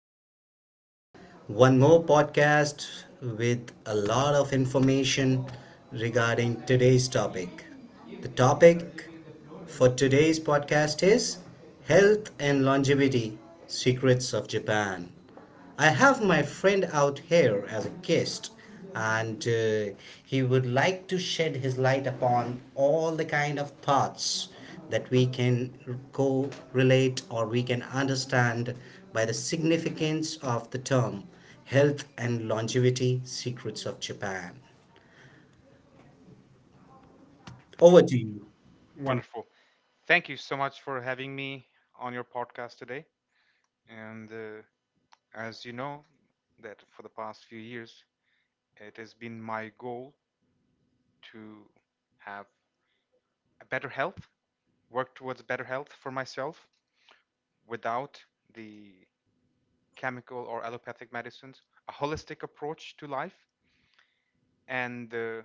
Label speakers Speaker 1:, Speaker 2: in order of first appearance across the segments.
Speaker 1: podcast. One more podcast with a lot of information regarding today's topic. The topic for today's podcast is Health and Longevity Secrets of Japan. I have my friend out here as a guest, and he would like to shed his light upon all the kind of thoughts that we can co relate or we can understand by the significance of the term Health and Longevity Secrets of Japan. Over to you.
Speaker 2: Cool. Thank you so much for having me on your podcast today. You know, it's- it has been my goal to have a better health, work towards better health for myself without the chemical or allopathic medicines, a holistic approach to life, and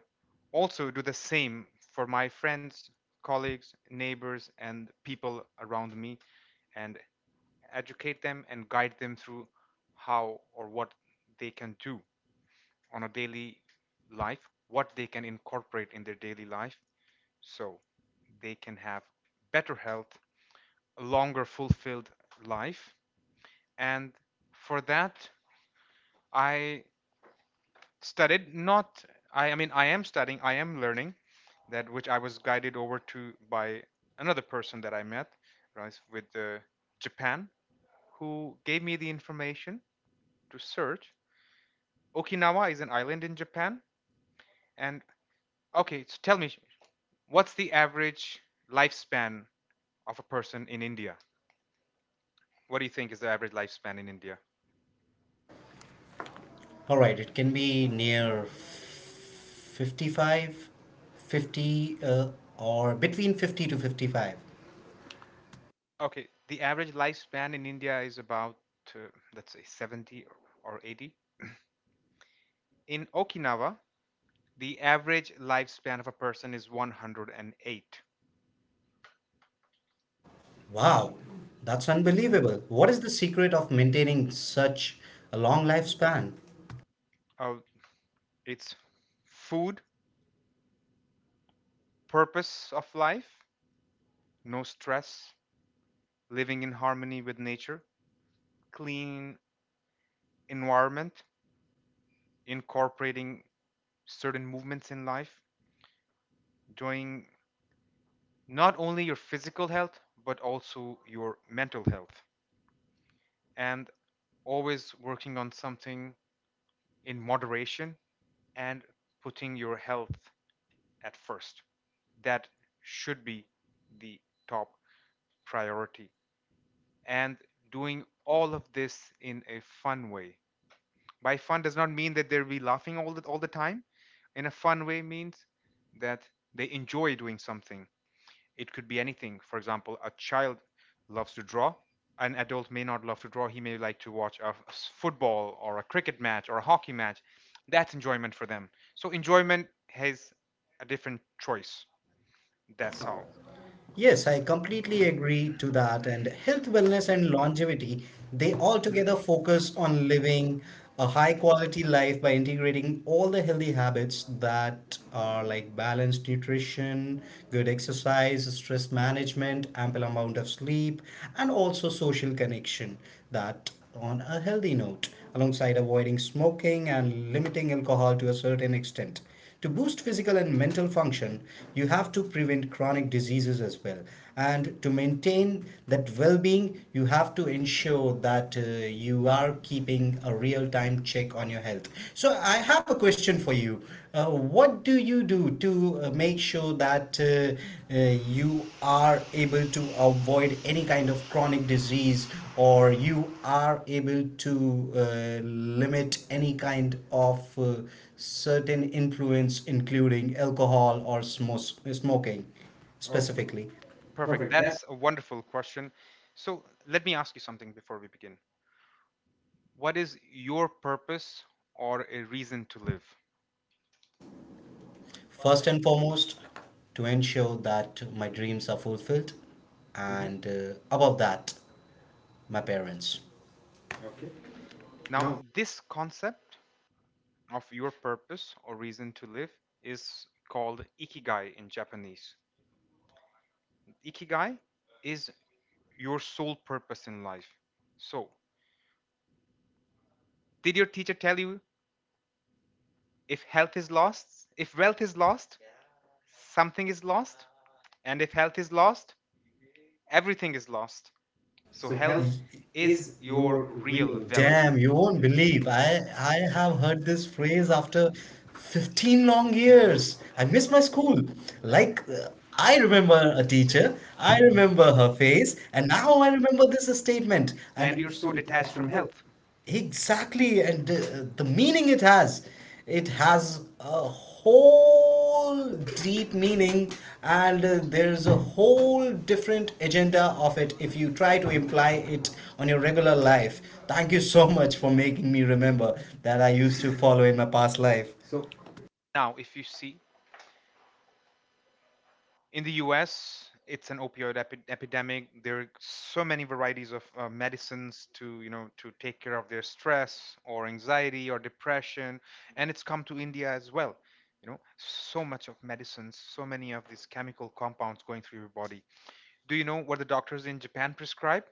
Speaker 2: also do the same for my friends, colleagues, neighbors, and people around me, and educate them and guide them through how or what they can do on a daily life, what they can incorporate in their daily life so they can have better health, a longer fulfilled life. And for that, I studied not I, I mean I am studying, I am learning that which I was guided over to by another person that I met, right, with Japan, who gave me the information to search. Okinawa is an island in Japan, and okay, so tell me, what's the average lifespan of a person in India? What do you think is the average lifespan in India?
Speaker 1: All right, it can be near 55, 50, or between 50 to 55.
Speaker 2: Okay, the average lifespan in India is about, uh, let's say, 70 or 80. In Okinawa, the average lifespan of a person is 108.
Speaker 1: Wow, that's unbelievable. What is the secret of maintaining such a long lifespan?
Speaker 2: Uh, it's food, purpose of life, no stress, living in harmony with nature, clean environment, incorporating certain movements in life, doing not only your physical health but also your mental health, and always working on something in moderation, and putting your health at first. That should be the top priority. And doing all of this in a fun way. By fun does not mean that they'll be laughing all the time. In a fun way means that they enjoy doing something. It could be anything. For example, a child loves to draw. An adult may not love to draw. He may like to watch a football or a cricket match or a hockey match. That's enjoyment for them. So enjoyment has a different choice.
Speaker 1: That's
Speaker 2: That's how.
Speaker 1: all. Yes, I completely agree to that. And health, wellness, and longevity, they all together focus on living a high quality life by integrating all the healthy habits that are like balanced nutrition, good exercise, stress management, ample amount of sleep, and also social connection that on a healthy note, alongside avoiding smoking and limiting alcohol to a certain extent. To boost physical and mental function, you have to prevent chronic diseases as well. And to maintain that well being, you have to ensure that you are keeping a real time check on your health. So, I have a question for you. What do you do to make sure? So that you are able to avoid any kind of chronic disease or you are able to uh, limit any kind of certain influence, including alcohol or smoking. Okay, specifically.
Speaker 2: Perfect.
Speaker 1: Perfect. That.
Speaker 2: That's a wonderful question. So let me ask you something before we begin. What is your purpose or a reason to live?
Speaker 1: First and foremost, to ensure that my dreams are fulfilled. Mhm. And above that, my parents. Okay.
Speaker 2: Now,
Speaker 1: Now.
Speaker 2: this concept of your purpose or reason to live is called ikigai in Japanese. Ikigai is your sole purpose in life. So, did your teacher tell you, if health is lost, if wealth is lost, something is lost? And if health is lost, everything is lost. So,
Speaker 1: So
Speaker 2: health
Speaker 1: health
Speaker 2: is
Speaker 1: is
Speaker 2: your
Speaker 1: your real.
Speaker 2: real wealth.
Speaker 1: Damn, you wealth. Won't believe. I have heard this phrase after 15 long years. I miss my school. Like I remember a teacher, I remember her face, and now I remember this statement. And
Speaker 2: And
Speaker 1: And
Speaker 2: you're
Speaker 1: you're
Speaker 2: so
Speaker 1: so
Speaker 2: detached
Speaker 1: detached
Speaker 2: from
Speaker 1: from health.
Speaker 2: health.
Speaker 1: Exactly, and the meaning it has a whole deep meaning, and there's a whole different agenda of it if you try to imply it on your regular life. Thank you so much for making me remember that I used to follow in my past life. So.
Speaker 2: Now, if you see in the US, it's an opioid epidemic. There are so many varieties of medicines to, you know, to take care of their stress or anxiety or depression, and it's come to India as well. You know, so much of medicines, so many of these chemical compounds going through your body. Do you know what the doctors in Japan prescribe?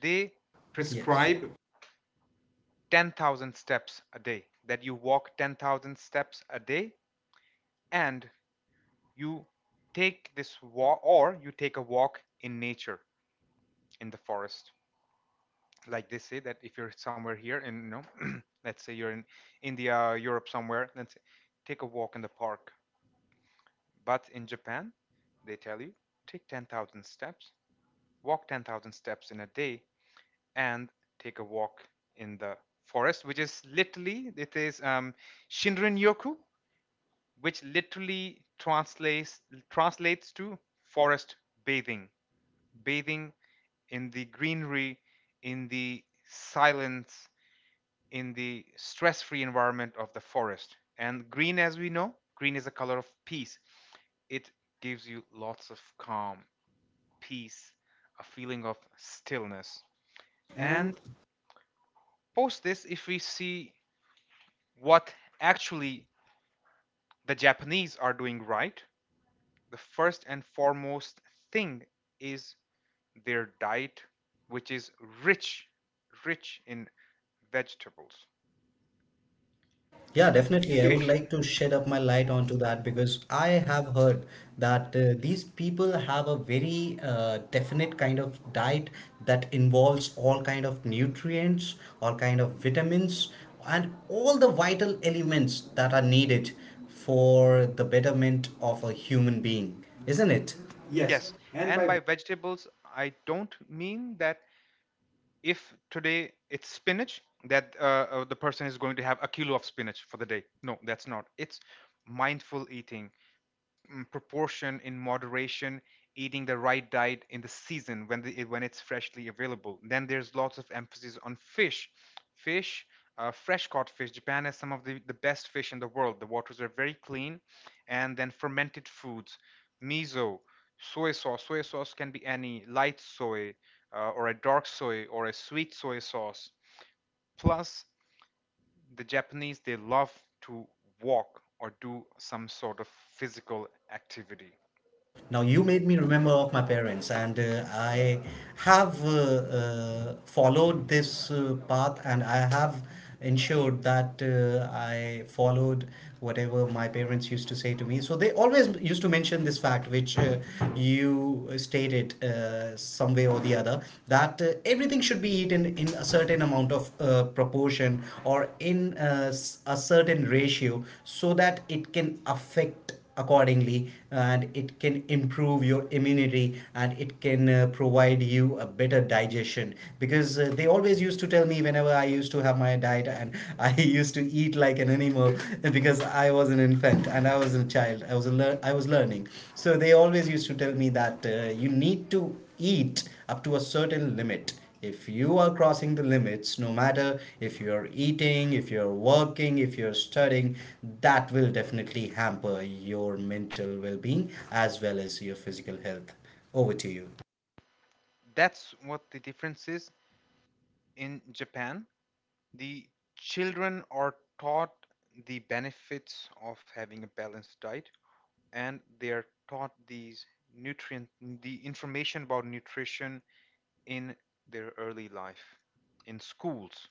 Speaker 2: They
Speaker 1: Yes.
Speaker 2: prescribe
Speaker 1: Prescribe.
Speaker 2: 10,000 steps a day. That you walk 10,000 steps a day, and you take this walk, or you take a walk in nature, in the forest. Like they say that if you're somewhere here, and you know, let's say you're in India, Europe, somewhere, let's say, take a walk in the park. But in Japan, they tell you take 10,000 steps, walk 10,000 steps in a day, and take a walk in the forest, which is literally, it is Shinrin Yoku, which literally translates to forest bathing, bathing in the greenery, in the silence, in the stress free environment of the forest. And green, as we know, green is a color of peace. It gives you lots of calm, peace, a feeling of stillness.
Speaker 1: And
Speaker 2: And post this, if we see what actually the Japanese are doing, right, the first and foremost thing is their diet, which is rich, rich in vegetables.
Speaker 1: yeah, definitely. I would
Speaker 2: Fish.
Speaker 1: like to shed up my light onto that because I have heard that these people have a very definite kind of diet that involves all kind of nutrients, all kind of vitamins, and all the vital elements that are needed for the betterment of a human being, isn't it? Yes,
Speaker 2: Yes.
Speaker 1: and
Speaker 2: And
Speaker 1: by.
Speaker 2: by vegetables, I don't mean that if today it's spinach, that the person is going to have a kilo of spinach for the day. No, that's not. It's mindful eating. Proportion in moderation, eating the right diet in the season when when it's freshly available. Then there's lots of emphasis on fish. Fresh caught fish. Japan has some of the best fish in the world. The waters are very clean. And then fermented foods, miso, soy sauce, can be any light soy, or a dark soy, or a sweet soy sauce. Plus, the Japanese, they love to walk or do some sort of physical activity.
Speaker 1: Now you made me remember of my parents, and I have followed this path, and I have ensured that I followed whatever my parents used to say to me. So they always used to mention this fact, which you stated some way or the other, that everything should be eaten in a certain amount of proportion or in a certain ratio, so that it can affect accordingly and it can improve your immunity and it can provide you a better digestion because they always used to tell me whenever I used to have my diet and I used to eat like an animal because I was an infant and I was a child I was learning. So they always used to tell me that you need to eat up to a certain limit. If you are crossing the limits, no matter if you're eating, if you're working, if you're studying, that will definitely hamper your mental well being as well as your physical health. Over to you.
Speaker 2: That's what the difference is. In Japan, the children are taught the benefits of having a balanced diet, and they are taught nutrient the information about nutrition in their early life in schools,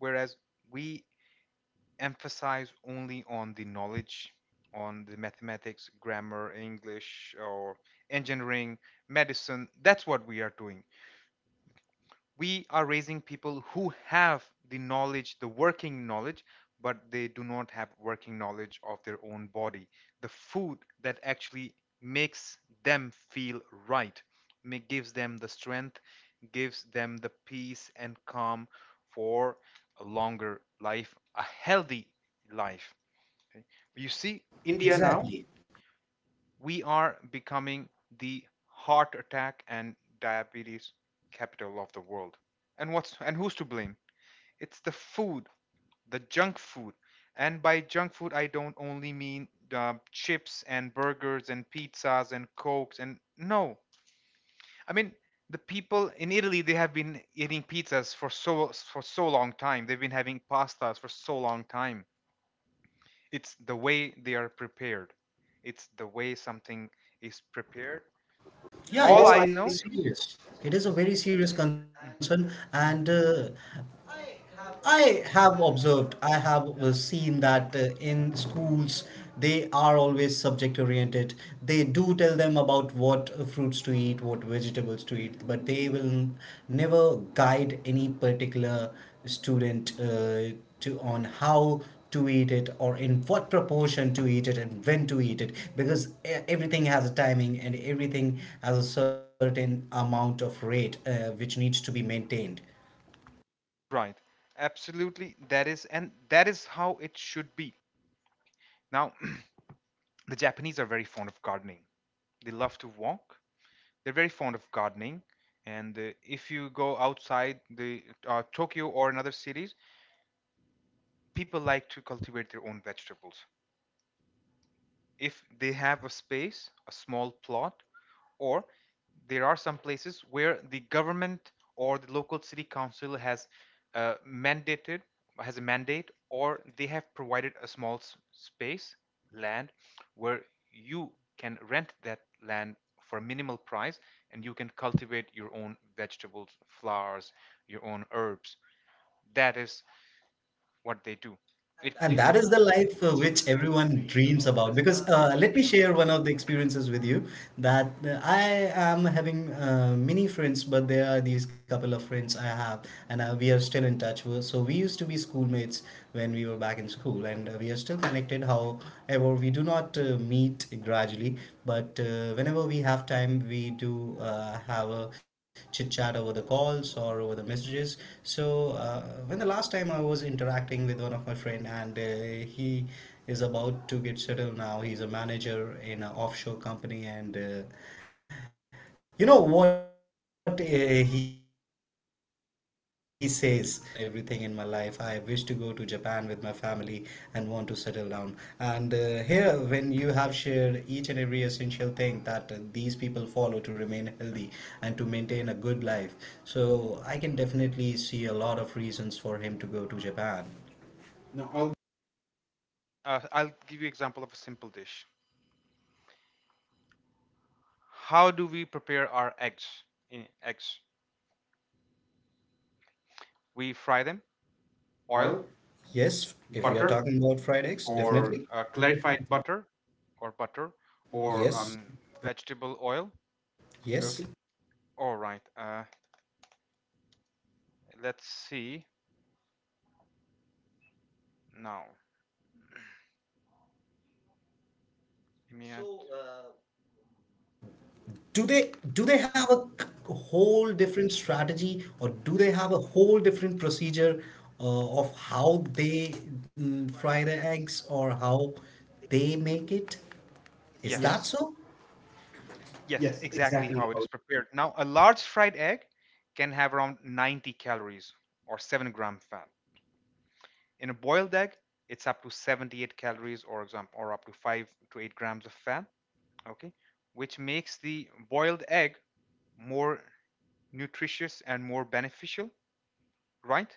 Speaker 2: whereas we emphasize only on the knowledge, on the mathematics, grammar, english, or engineering, medicine. That's what we are doing. We are raising people who have the knowledge, the working knowledge, but they do not have working knowledge of their own body. The food that actually makes them feel right, gives them the strength, gives them the peace and calm for a longer life, a healthy life. Okay? You see, India
Speaker 1: India now.
Speaker 2: now,
Speaker 1: Exactly.
Speaker 2: we are becoming the heart attack and diabetes capital of the world. And what's and who's to blame? It's the food, the junk food. And by junk food, I don't only mean chips and burgers and pizzas and cokes and no. I mean the people in Italy, they have been eating pizzas for for so long time. They've been having pastas for so long time. It's the way they are prepared. It's the way something is prepared,
Speaker 1: Yeah, it
Speaker 2: all
Speaker 1: is. All I
Speaker 2: I
Speaker 1: very
Speaker 2: know.
Speaker 1: serious. It is a very serious concern,
Speaker 2: Mm,
Speaker 1: and I have observed, I have seen that in schools they are always subject oriented. They do tell them about what fruits to eat, what vegetables to eat, but they will never guide any particular student to on how to eat it or in what proportion to eat it and when to eat it because everything has a timing and everything has a certain amount of rate which needs to be maintained.
Speaker 2: right, absolutely. That is, and that is how it should be. Now the Japanese are very fond of gardening. They love to walk. They're very fond of gardening. And if you go outside the Tokyo or in other cities, people like to cultivate their own vegetables if they have a space, a small plot. Or there are some places where the government or the local city council has mandated has a mandate, or they have provided a small space, land, where you can rent that land for a minimal price, and you can cultivate your own vegetables, flowers, your own herbs. That is what they do. And it that
Speaker 1: And
Speaker 2: is
Speaker 1: that
Speaker 2: the
Speaker 1: is the
Speaker 2: life
Speaker 1: life
Speaker 2: which
Speaker 1: which
Speaker 2: everyone
Speaker 1: everyone
Speaker 2: dreams
Speaker 1: dreams
Speaker 2: about.
Speaker 1: about.
Speaker 2: Because
Speaker 1: Because
Speaker 2: let me
Speaker 1: let me
Speaker 2: share one
Speaker 1: share one of the experiences with you that I am having many friends, but there are these couple of friends I have, and we are still in touch. So we used to be schoolmates when we were back in school, and we are still connected. However, we do not meet gradually, but whenever we have time, we do have a chit chat over the calls or over the messages. So when the last time I was interacting with one of my friends, Ukraine, and he is about to get settled now. He's a manager in an offshore company, and you know what he says. He says that now once I'm settled and I have done everything in my life, I wish to go to Japan with my family and want to settle down. And here, when you have shared each and every essential thing that these people follow to remain healthy and to maintain a good life, so I can definitely see a lot of reasons for him to go to Japan. Now, all.
Speaker 2: of I'll give you example of a simple dish. How do we prepare our eggs? In eggs, we fry them, oil,
Speaker 1: Foil. Yes, if we are. Butter?
Speaker 2: butter,
Speaker 1: Talking about fried eggs, or
Speaker 2: or
Speaker 1: definitely
Speaker 2: clarified
Speaker 1: clarified butter
Speaker 2: butter, or butter,
Speaker 1: or
Speaker 2: or
Speaker 1: yes,
Speaker 2: vegetable oil. Yes.
Speaker 1: yes.
Speaker 2: Okay.
Speaker 1: Okay.
Speaker 2: All right. Let's see now. Give me a- So,
Speaker 1: Do they do they have a c- whole different strategy or do they have a whole different procedure of how they fry the eggs or how they make it?
Speaker 2: is
Speaker 1: Is
Speaker 2: yes.
Speaker 1: that?
Speaker 2: that
Speaker 1: Yes.
Speaker 2: so?
Speaker 1: So?
Speaker 2: Yes,
Speaker 1: Yes,
Speaker 2: exactly
Speaker 1: exactly.
Speaker 2: how it
Speaker 1: How
Speaker 2: is prepared. Now, a large fried egg can have around 90 calories or 7-gram fat. In a boiled egg, it's up to 78 calories or exam or up to 5 to 8 grams of fat, okay, which makes the boiled egg more nutritious and more beneficial, right?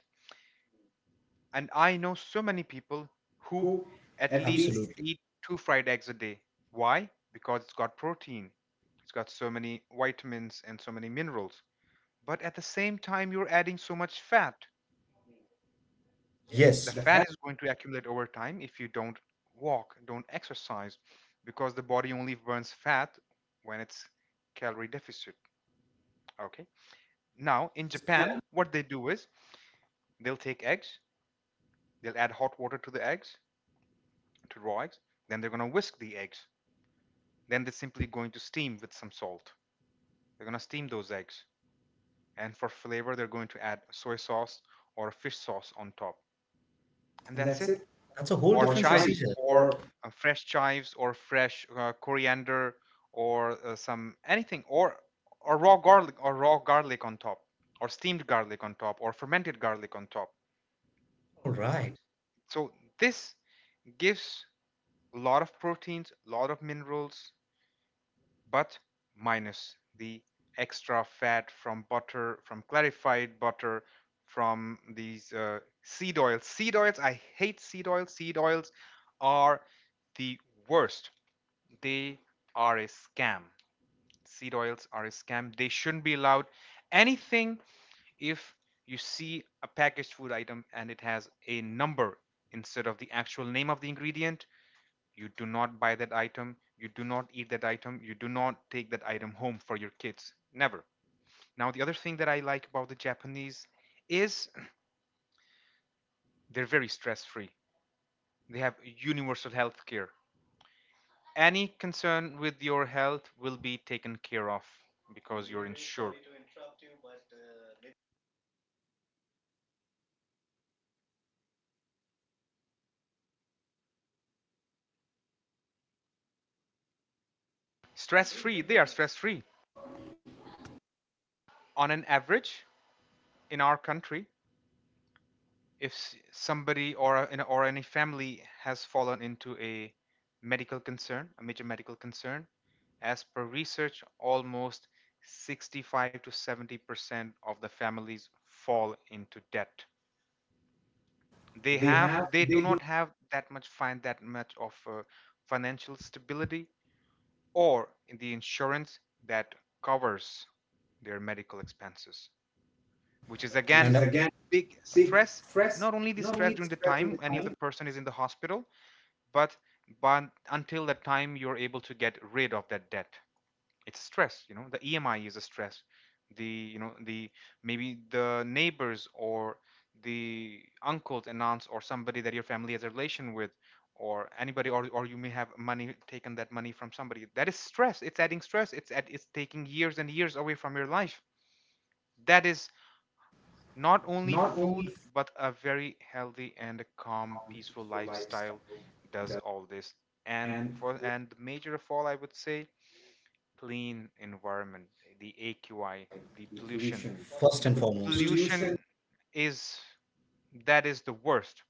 Speaker 2: And I know so many people who
Speaker 1: cook
Speaker 2: at
Speaker 1: at least.
Speaker 2: least
Speaker 1: Absolutely.
Speaker 2: eat 2 fried eggs a day. Why? Because it's got protein. It's got so many vitamins and so many minerals. But at the same time, you're adding so much fat. The
Speaker 1: Yes, the
Speaker 2: fat
Speaker 1: fat
Speaker 2: is going to accumulate over time if you don't walk, don't exercise, because the body only burns fat when it's calorie deficit. Okay. Now,
Speaker 1: now in.
Speaker 2: in
Speaker 1: Yes, the
Speaker 2: Japan,
Speaker 1: pan.
Speaker 2: what they do is they'll take eggs, they'll add hot water to the eggs, to raw eggs, then they're going to whisk the eggs. Then they're simply going to steam with some salt. They're going to steam those eggs. And for flavor, they're going to add soy sauce or fish sauce on top. And
Speaker 1: And
Speaker 2: that's
Speaker 1: that's
Speaker 2: it.
Speaker 1: it. That's a whole. Or
Speaker 2: Or
Speaker 1: different chives,
Speaker 2: chives,
Speaker 1: procedure.
Speaker 2: or
Speaker 1: Or
Speaker 2: fresh chives, or fresh coriander, or some anything, or raw garlic, or raw garlic on top, or steamed garlic on top, or fermented garlic on top.
Speaker 1: all right.
Speaker 2: So this gives a lot of proteins, a lot of minerals, but minus the extra fat from butter, from clarified butter, from these seed oils. Seed oils, I hate seed oils. Seed oils are the worst. They are a scam. Seed oils are a scam. They shouldn't be allowed. Anything, if you see a packaged food item and it has a number instead of the actual name of the ingredient, you do not buy that item, you do not eat that item, you do not take that item home for your kids. Never. Now, the other thing that I like about the Japanese is they're very stress free. They have universal health care. Any concern with your health will be taken care of because you're insured. Stress free, they are stress free. On an average, in our country, if somebody or any family has fallen into a medical concern, a major medical concern, as per research, almost 65 to 70% of the families fall into debt. They
Speaker 1: They
Speaker 2: have
Speaker 1: have
Speaker 2: they do
Speaker 1: they
Speaker 2: not have that much find that much of financial stability or the insurance that covers their medical expenses, which
Speaker 1: which.
Speaker 2: is
Speaker 1: And is
Speaker 2: again
Speaker 1: again
Speaker 2: a big
Speaker 1: big
Speaker 2: stress.
Speaker 1: stress.
Speaker 2: Not
Speaker 1: Not
Speaker 2: only the
Speaker 1: only the
Speaker 2: stress
Speaker 1: stress
Speaker 2: during the
Speaker 1: during the
Speaker 2: time
Speaker 1: time
Speaker 2: any of the person is in the hospital, but but until that time you're able to get rid of that debt, it's stress. You know, the EMI is a stress. The you know the maybe the neighbors or the uncles and aunts or somebody that your family has a relation with, or anybody, or you may have money taken that money from somebody. That is stress, it's adding stress, it's taking years and years away from your life. That
Speaker 1: that
Speaker 2: is
Speaker 1: is
Speaker 2: not
Speaker 1: not
Speaker 2: only
Speaker 1: only
Speaker 2: food, but a very healthy and a
Speaker 1: for
Speaker 2: calm,
Speaker 1: calm,
Speaker 2: peaceful
Speaker 1: peaceful
Speaker 2: lifestyle
Speaker 1: lifestyle,
Speaker 2: does all this. And
Speaker 1: and
Speaker 2: for
Speaker 1: for
Speaker 2: and the major of all, I would say, clean environment, the AQI, the
Speaker 1: the
Speaker 2: pollution.
Speaker 1: pollution. First
Speaker 2: The
Speaker 1: and foremost.
Speaker 2: pollution,
Speaker 1: Pollution.
Speaker 2: is that is the worst.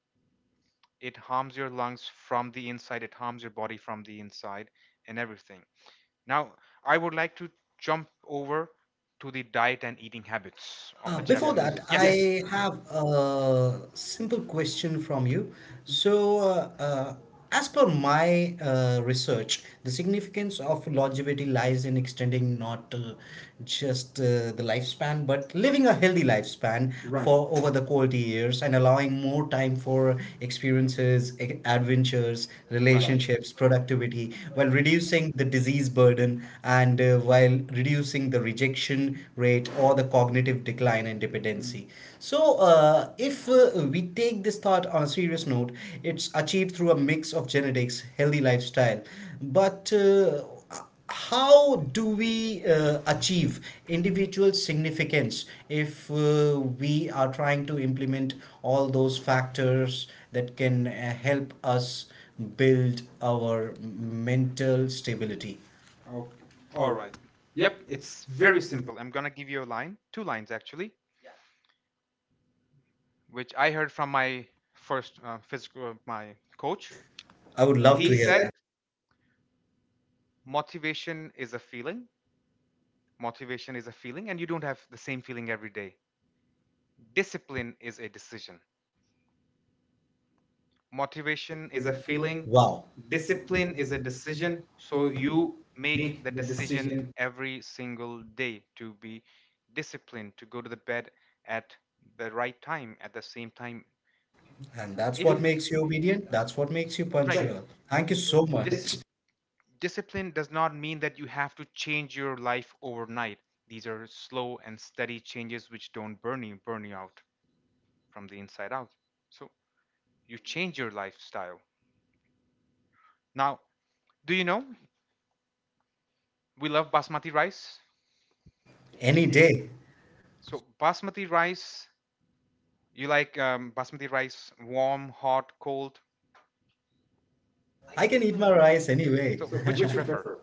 Speaker 2: It harms your lungs from the inside, it harms your body from the inside, and everything. Now, I would like to jump over to the diet and eating habits of the
Speaker 1: Before that,
Speaker 2: Japanese.
Speaker 1: yes.
Speaker 2: Yes.
Speaker 1: I have a simple question from you. So, as per my research, the significance of longevity lies in extending not just the lifespan, but living a healthy lifespan. Right. For over the quality years and allowing more time for experiences, adventures, right,
Speaker 2: Right.
Speaker 1: relationships, productivity, while reducing the disease burden and while reducing the increasing the rejection rate or the cognitive decline and dependency. So, if we take this thought on a serious note, it's achieved through a mix of genetics, healthy lifestyle, but how do we achieve individual significance if we are trying to implement all those factors that can help us build our mental stability. Okay.
Speaker 2: All
Speaker 1: All
Speaker 2: right.
Speaker 1: right.
Speaker 2: Yep,
Speaker 1: Yep.
Speaker 2: it's
Speaker 1: It's
Speaker 2: very
Speaker 1: very simple.
Speaker 2: simple. I'm gonna give you a line, two lines actually, which I heard from my first physical my
Speaker 1: Coach.
Speaker 2: coach.
Speaker 1: I would love to.
Speaker 2: He
Speaker 1: He hear said
Speaker 2: said
Speaker 1: that.
Speaker 2: motivation is a feeling. Motivation is a feeling, and you don't have the same feeling every day. Discipline is a decision.
Speaker 1: Ambition
Speaker 2: Motivation is
Speaker 1: is
Speaker 2: a
Speaker 1: a
Speaker 2: feeling.
Speaker 1: feeling. Wow.
Speaker 2: Discipline
Speaker 1: Discipline is
Speaker 2: is a
Speaker 1: a
Speaker 2: decision,
Speaker 1: decision.
Speaker 2: so
Speaker 1: So
Speaker 2: you
Speaker 1: you
Speaker 2: make
Speaker 1: make
Speaker 2: the
Speaker 1: the
Speaker 2: decision
Speaker 1: decision.
Speaker 2: every single day to be disciplined, to go to the bed at the right time, at the same time.
Speaker 1: And that's what
Speaker 2: If
Speaker 1: if makes you obedient. That's what makes you right.
Speaker 2: right.
Speaker 1: Punctual. Thank you so.
Speaker 2: Dis-
Speaker 1: This much.
Speaker 2: Discipline does not mean that you have to change your life overnight. These are slow and steady changes which don't burn you out from the inside out. So you change your lifestyle. Now, do you know, we love basmati rice.
Speaker 1: Any day.
Speaker 2: So basmati rice, you like basmati rice, warm, hot, cold?
Speaker 1: I can eat my rice anyway.
Speaker 2: So
Speaker 1: So,
Speaker 2: which you
Speaker 1: which you
Speaker 2: prefer?
Speaker 1: prefer?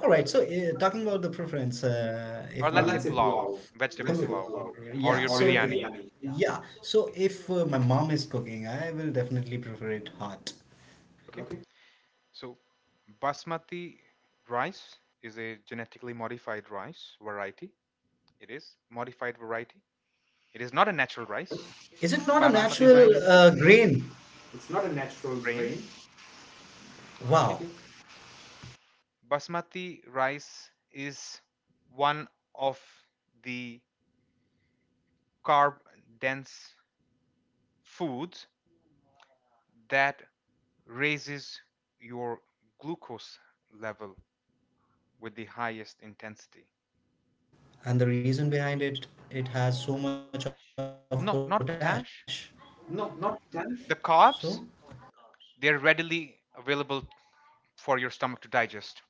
Speaker 1: All right. So, talking about the preference,
Speaker 2: Or
Speaker 1: if. Or
Speaker 2: let's say
Speaker 1: let's say
Speaker 2: pulao,
Speaker 1: pulao,
Speaker 2: vegetable
Speaker 1: vegetable
Speaker 2: pulao,
Speaker 1: pulao, yeah,
Speaker 2: or your
Speaker 1: or your, so,
Speaker 2: biryani.
Speaker 1: biryani, yeah. So, if my mom is cooking, I will definitely prefer it hot.
Speaker 2: Okay.
Speaker 1: Okay.
Speaker 2: So basmati rice is a genetically modified rice variety. It is modified variety. It is not a natural rice.
Speaker 1: Is it not a basmati
Speaker 2: Basmati
Speaker 1: natural
Speaker 2: rice
Speaker 1: rice? Grain? It's not a natural
Speaker 2: grain.
Speaker 1: grain. Wow.
Speaker 2: Okay.
Speaker 1: Okay.
Speaker 2: Basmati rice is one of the carb dense foods that raises your glucose level with the highest intensity.
Speaker 1: And the reason behind it, it has so much of potash.
Speaker 2: Not
Speaker 1: No,
Speaker 2: not
Speaker 1: not
Speaker 2: potash.
Speaker 1: potash. So,
Speaker 2: The carbs, they're readily available for your stomach to digest.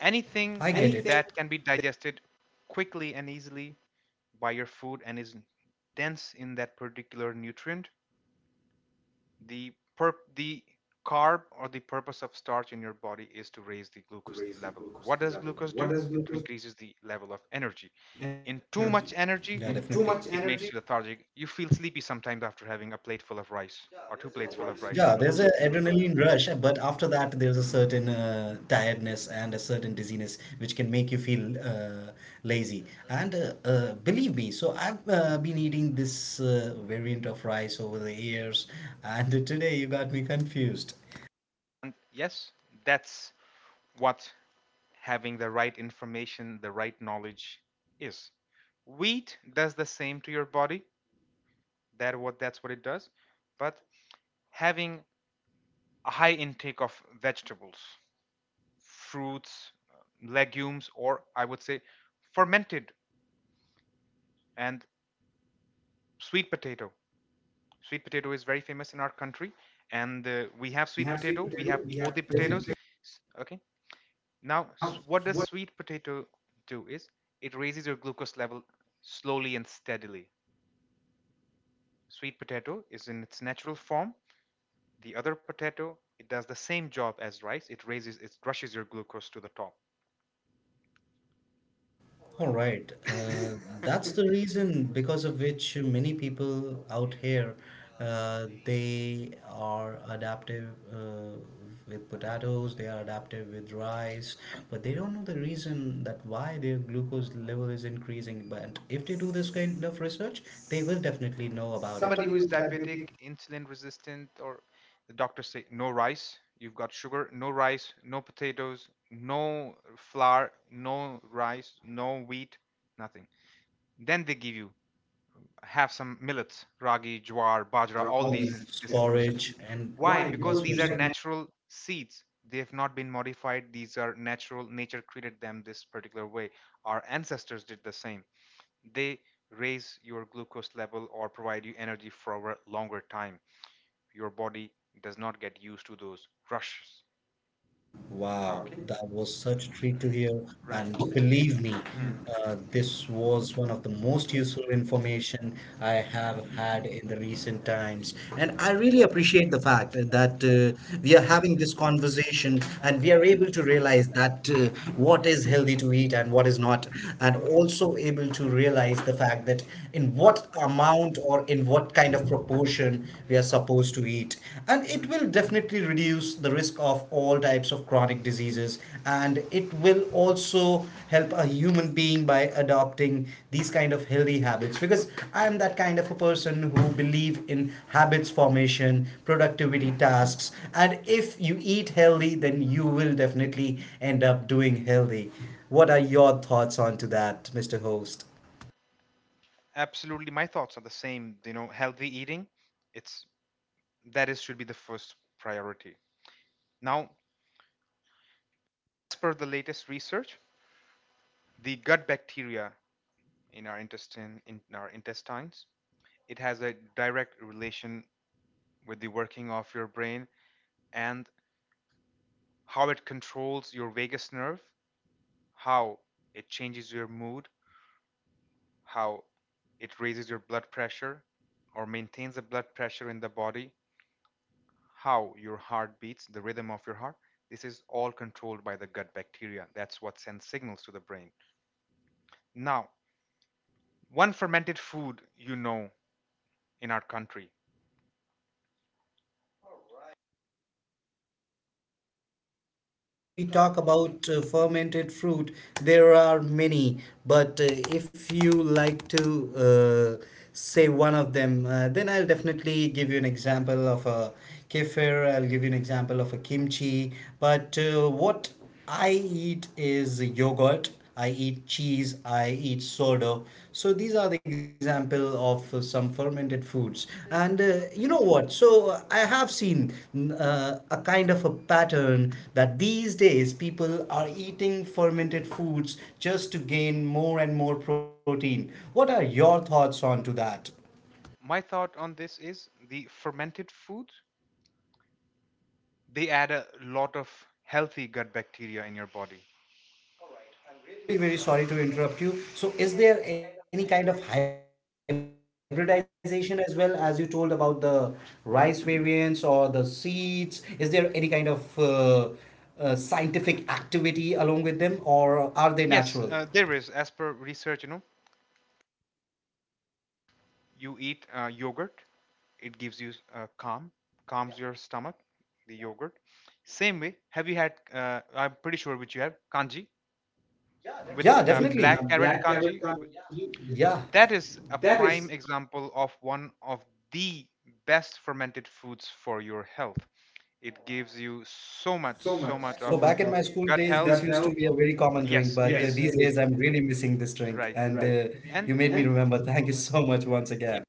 Speaker 1: I get it. Anything
Speaker 2: Anything that can be digested quickly and easily by your food and is dense in that particular nutrient. The carb, or the purpose of starch in your body, is
Speaker 1: is
Speaker 2: to
Speaker 1: to
Speaker 2: raise the
Speaker 1: raise the
Speaker 2: glucose
Speaker 1: glucose
Speaker 2: level.
Speaker 1: level.
Speaker 2: What
Speaker 1: What
Speaker 2: does
Speaker 1: does
Speaker 2: glucose
Speaker 1: glucose
Speaker 2: do? It increases the level of
Speaker 1: level of
Speaker 2: energy.
Speaker 1: energy? Yeah,
Speaker 2: In
Speaker 1: and definitely.
Speaker 2: too
Speaker 1: Too
Speaker 2: much
Speaker 1: much
Speaker 2: energy,
Speaker 1: energy,
Speaker 2: it makes you lethargic. You feel sleepy sometimes after having a
Speaker 1: late
Speaker 2: plateful
Speaker 1: for the
Speaker 2: of
Speaker 1: price.
Speaker 2: rice
Speaker 1: Yeah,
Speaker 2: or two
Speaker 1: there's an
Speaker 2: plates full of rice.
Speaker 1: adrenaline rush, but after that, there's a certain tiredness and a certain dizziness which can make you feel lazy. And believe me, so I've been eating this variant of rice over the years, and today you got me confused.
Speaker 2: And yes, that's what having the right information, the right knowledge is. Wheat does the same to your body. That's what it does. But having a high intake of vegetables, fruits, legumes, or I would say fermented, and sweet potato. Sweet potato is very famous in our country, and we
Speaker 1: We
Speaker 2: have
Speaker 1: have
Speaker 2: sweet
Speaker 1: sweet
Speaker 2: potato.
Speaker 1: potato,
Speaker 2: We
Speaker 1: we
Speaker 2: have
Speaker 1: have
Speaker 2: both
Speaker 1: potato.
Speaker 2: the
Speaker 1: Definitely.
Speaker 2: potatoes. Okay, now
Speaker 1: Now,
Speaker 2: what
Speaker 1: what
Speaker 2: does sweet potato do? Is It raises your glucose level slowly and steadily. Sweet potato is in its natural form. The other potato, it does the same job as rice. It raises, it rushes your glucose to the top.
Speaker 1: all right. That's the reason because of which many people out here they are adaptive uh, with potatoes, they are adaptive with rice, but they don't know the reason that why their glucose level is increasing. But if they do this kind of research, they will definitely know about it.
Speaker 2: Buddy
Speaker 1: Somebody
Speaker 2: who
Speaker 1: who
Speaker 2: is
Speaker 1: is diabetic,
Speaker 2: diabetic, insulin resistant, or the doctor say no rice. You've got sugar, no rice, no potatoes, no flour, no rice, no wheat, nothing. Then they give you, have some millets, ragi, jawar, bajra,
Speaker 1: bajra,
Speaker 2: all
Speaker 1: all, whether
Speaker 2: these
Speaker 1: these it's diseases,
Speaker 2: this information.
Speaker 1: porridge things, and
Speaker 2: Why?
Speaker 1: why, vice
Speaker 2: Because
Speaker 1: because
Speaker 2: these
Speaker 1: these
Speaker 2: are
Speaker 1: versa are.
Speaker 2: natural seeds. They have not been modified. These are natural. Nature created them this particular way. Our ancestors did the same. They raise your glucose level or provide you energy for a longer time. Your body does not get used to those rushes.
Speaker 1: Wow.
Speaker 2: Okay,
Speaker 1: Okay, that was such a treat to hear.
Speaker 2: right.
Speaker 1: And believe me,
Speaker 2: Mhm.
Speaker 1: this was one of the most
Speaker 2: Mm.
Speaker 1: useful information I have had in the recent times. And I really appreciate the fact that we are having this conversation and we are able to realize that what is healthy to eat and what is not, and
Speaker 2: Okay.
Speaker 1: also able to realize the fact that in what amount or in what kind of proportion we are supposed to eat and it will definitely reduce the risk of all types of chronic diseases and it will also help a human being by adopting these kind of healthy habits because I am that kind of a person who believe in habits formation productivity tasks and if you eat healthy then you will definitely end up doing healthy. What are your thoughts on to that, mr host?
Speaker 2: Absolutely, my thoughts are the same. You know, healthy eating, it's that is should be the first priority. Now, as per the latest research, the gut bacteria in our intestines, it has a direct relation with the working of your brain and how it controls your vagus nerve, how it changes your mood, how it raises your blood pressure or maintains the blood pressure in the body, how your heart beats, the rhythm of your heart, this is all controlled by the gut bacteria. That's what sends signals to the brain. Now, one fermented food in our country.
Speaker 1: We talk about fermented fruit, there are many, but if you like to uh, say one of them, then I'll definitely give you an example of a kefir, I'll give you an example of a kimchi. But what I eat is yogurt. I eat cheese, I eat soda. So these are the example of some fermented foods. And you know what? So I have seen a kind of a pattern that these days people are eating fermented foods just to gain more and more protein. What are your thoughts on to that?
Speaker 2: My thought on this is the fermented food, they add a lot of healthy gut bacteria in your body.
Speaker 1: I'm really very sorry to interrupt you. So, is there any kind of hybridization as well as you told about the rice variants or the seeds? Is there any kind of scientific activity along with them or are they natural?
Speaker 2: Yes, there is. As per research, you eat yogurt, it gives you calm, calms your stomach, the yogurt. Same way, have you had, I'm pretty sure which you have, kanji? With
Speaker 1: Yeah, with definitely
Speaker 2: black carrot
Speaker 1: black carrot
Speaker 2: kanji,
Speaker 1: kanji. Yeah.
Speaker 2: that is
Speaker 1: That
Speaker 2: a
Speaker 1: is
Speaker 2: prime example of one of the best fermented foods for your health. Oh, it gives, wow, you so much,
Speaker 1: so
Speaker 2: so
Speaker 1: much,
Speaker 2: much
Speaker 1: so, so
Speaker 2: of
Speaker 1: much back in of my of school
Speaker 2: gut, this
Speaker 1: days, this
Speaker 2: health,
Speaker 1: that. That used now to be a very common drink,
Speaker 2: yes,
Speaker 1: but
Speaker 2: it
Speaker 1: yes,
Speaker 2: is,
Speaker 1: these it days is I'm really missing this drink.
Speaker 2: right,
Speaker 1: And right.
Speaker 2: and
Speaker 1: You made me. And remember. Thank you so much once again.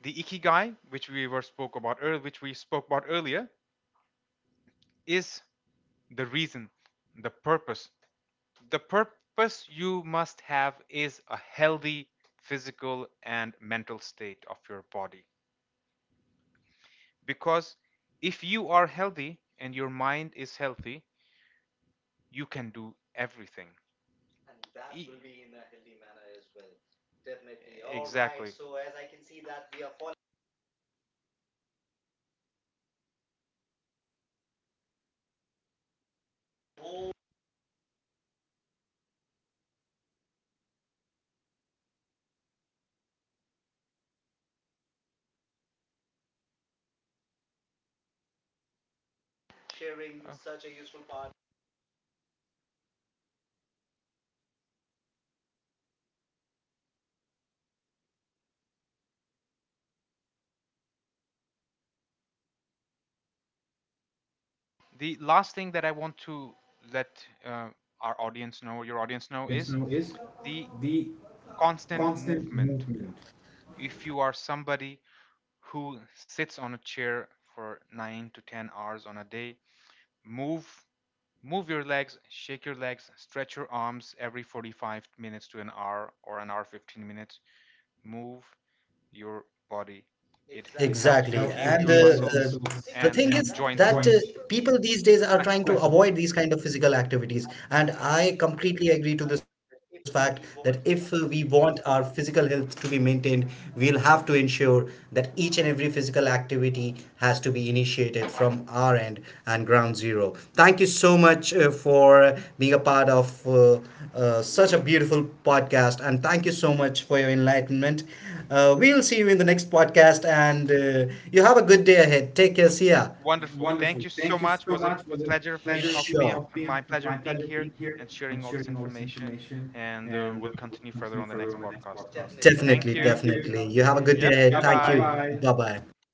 Speaker 2: the ikigai which we spoke about earlier is the reason, the purpose the purpose you must have is a healthy physical and mental state of your body. Because if you are healthy and your mind is healthy, you can do everything. E- exactly. The last thing that I want to let our audience know your audience
Speaker 1: Your
Speaker 2: know
Speaker 1: audience
Speaker 2: is
Speaker 1: now is
Speaker 2: the
Speaker 1: the
Speaker 2: constant
Speaker 1: constant
Speaker 2: movement.
Speaker 1: movement.
Speaker 2: If you are somebody who sits on a chair for 9 to 10 hours on a day, move, move your legs, shake your legs, stretch your arms every 45 minutes to an hour or an hour 15 minutes. Move your body. Exactly, it helps
Speaker 1: Exactly.
Speaker 2: to
Speaker 1: Without
Speaker 2: keep
Speaker 1: and
Speaker 2: your
Speaker 1: taking your
Speaker 2: muscles
Speaker 1: resource the
Speaker 2: and
Speaker 1: thing and is and that
Speaker 2: joints
Speaker 1: points. People these days are trying to,
Speaker 2: flexible.
Speaker 1: right, avoid these kind of physical activities. And I completely agree to this fact that if we want our physical health to be maintained, we'll have to ensure that each and every physical activity has to be initiated from our end and ground zero. Thank you so much for being a part of such a beautiful podcast. And thank you so much for your enlightenment. We'll see you in the next podcast, and you have a good day ahead. Take care. See ya.
Speaker 2: Wonderful. Thank
Speaker 1: Wonderful.
Speaker 2: you so
Speaker 1: Thank you
Speaker 2: much.
Speaker 1: so
Speaker 2: Was a
Speaker 1: much. Was a
Speaker 2: pleasure, of me
Speaker 1: pleasure.
Speaker 2: of
Speaker 1: Sure.
Speaker 2: being
Speaker 1: Of being
Speaker 2: my pleasure
Speaker 1: my
Speaker 2: of being
Speaker 1: pleasure
Speaker 2: here
Speaker 1: being here
Speaker 2: and sharing
Speaker 1: and
Speaker 2: all this
Speaker 1: sharing all this
Speaker 2: information.
Speaker 1: information.
Speaker 2: And
Speaker 1: And
Speaker 2: we'll
Speaker 1: we'll
Speaker 2: continue further
Speaker 1: continue
Speaker 2: on the
Speaker 1: further
Speaker 2: next
Speaker 1: on the next
Speaker 2: podcast.
Speaker 1: podcast.
Speaker 2: Thank
Speaker 1: Definitely, thank you,
Speaker 2: you.
Speaker 1: definitely. You. You have a good day
Speaker 2: Yep.
Speaker 1: ahead.
Speaker 2: Bye
Speaker 1: Yeah, thank you,
Speaker 2: bye.
Speaker 1: bye-bye. Bye
Speaker 2: Bye.
Speaker 1: bye, bye.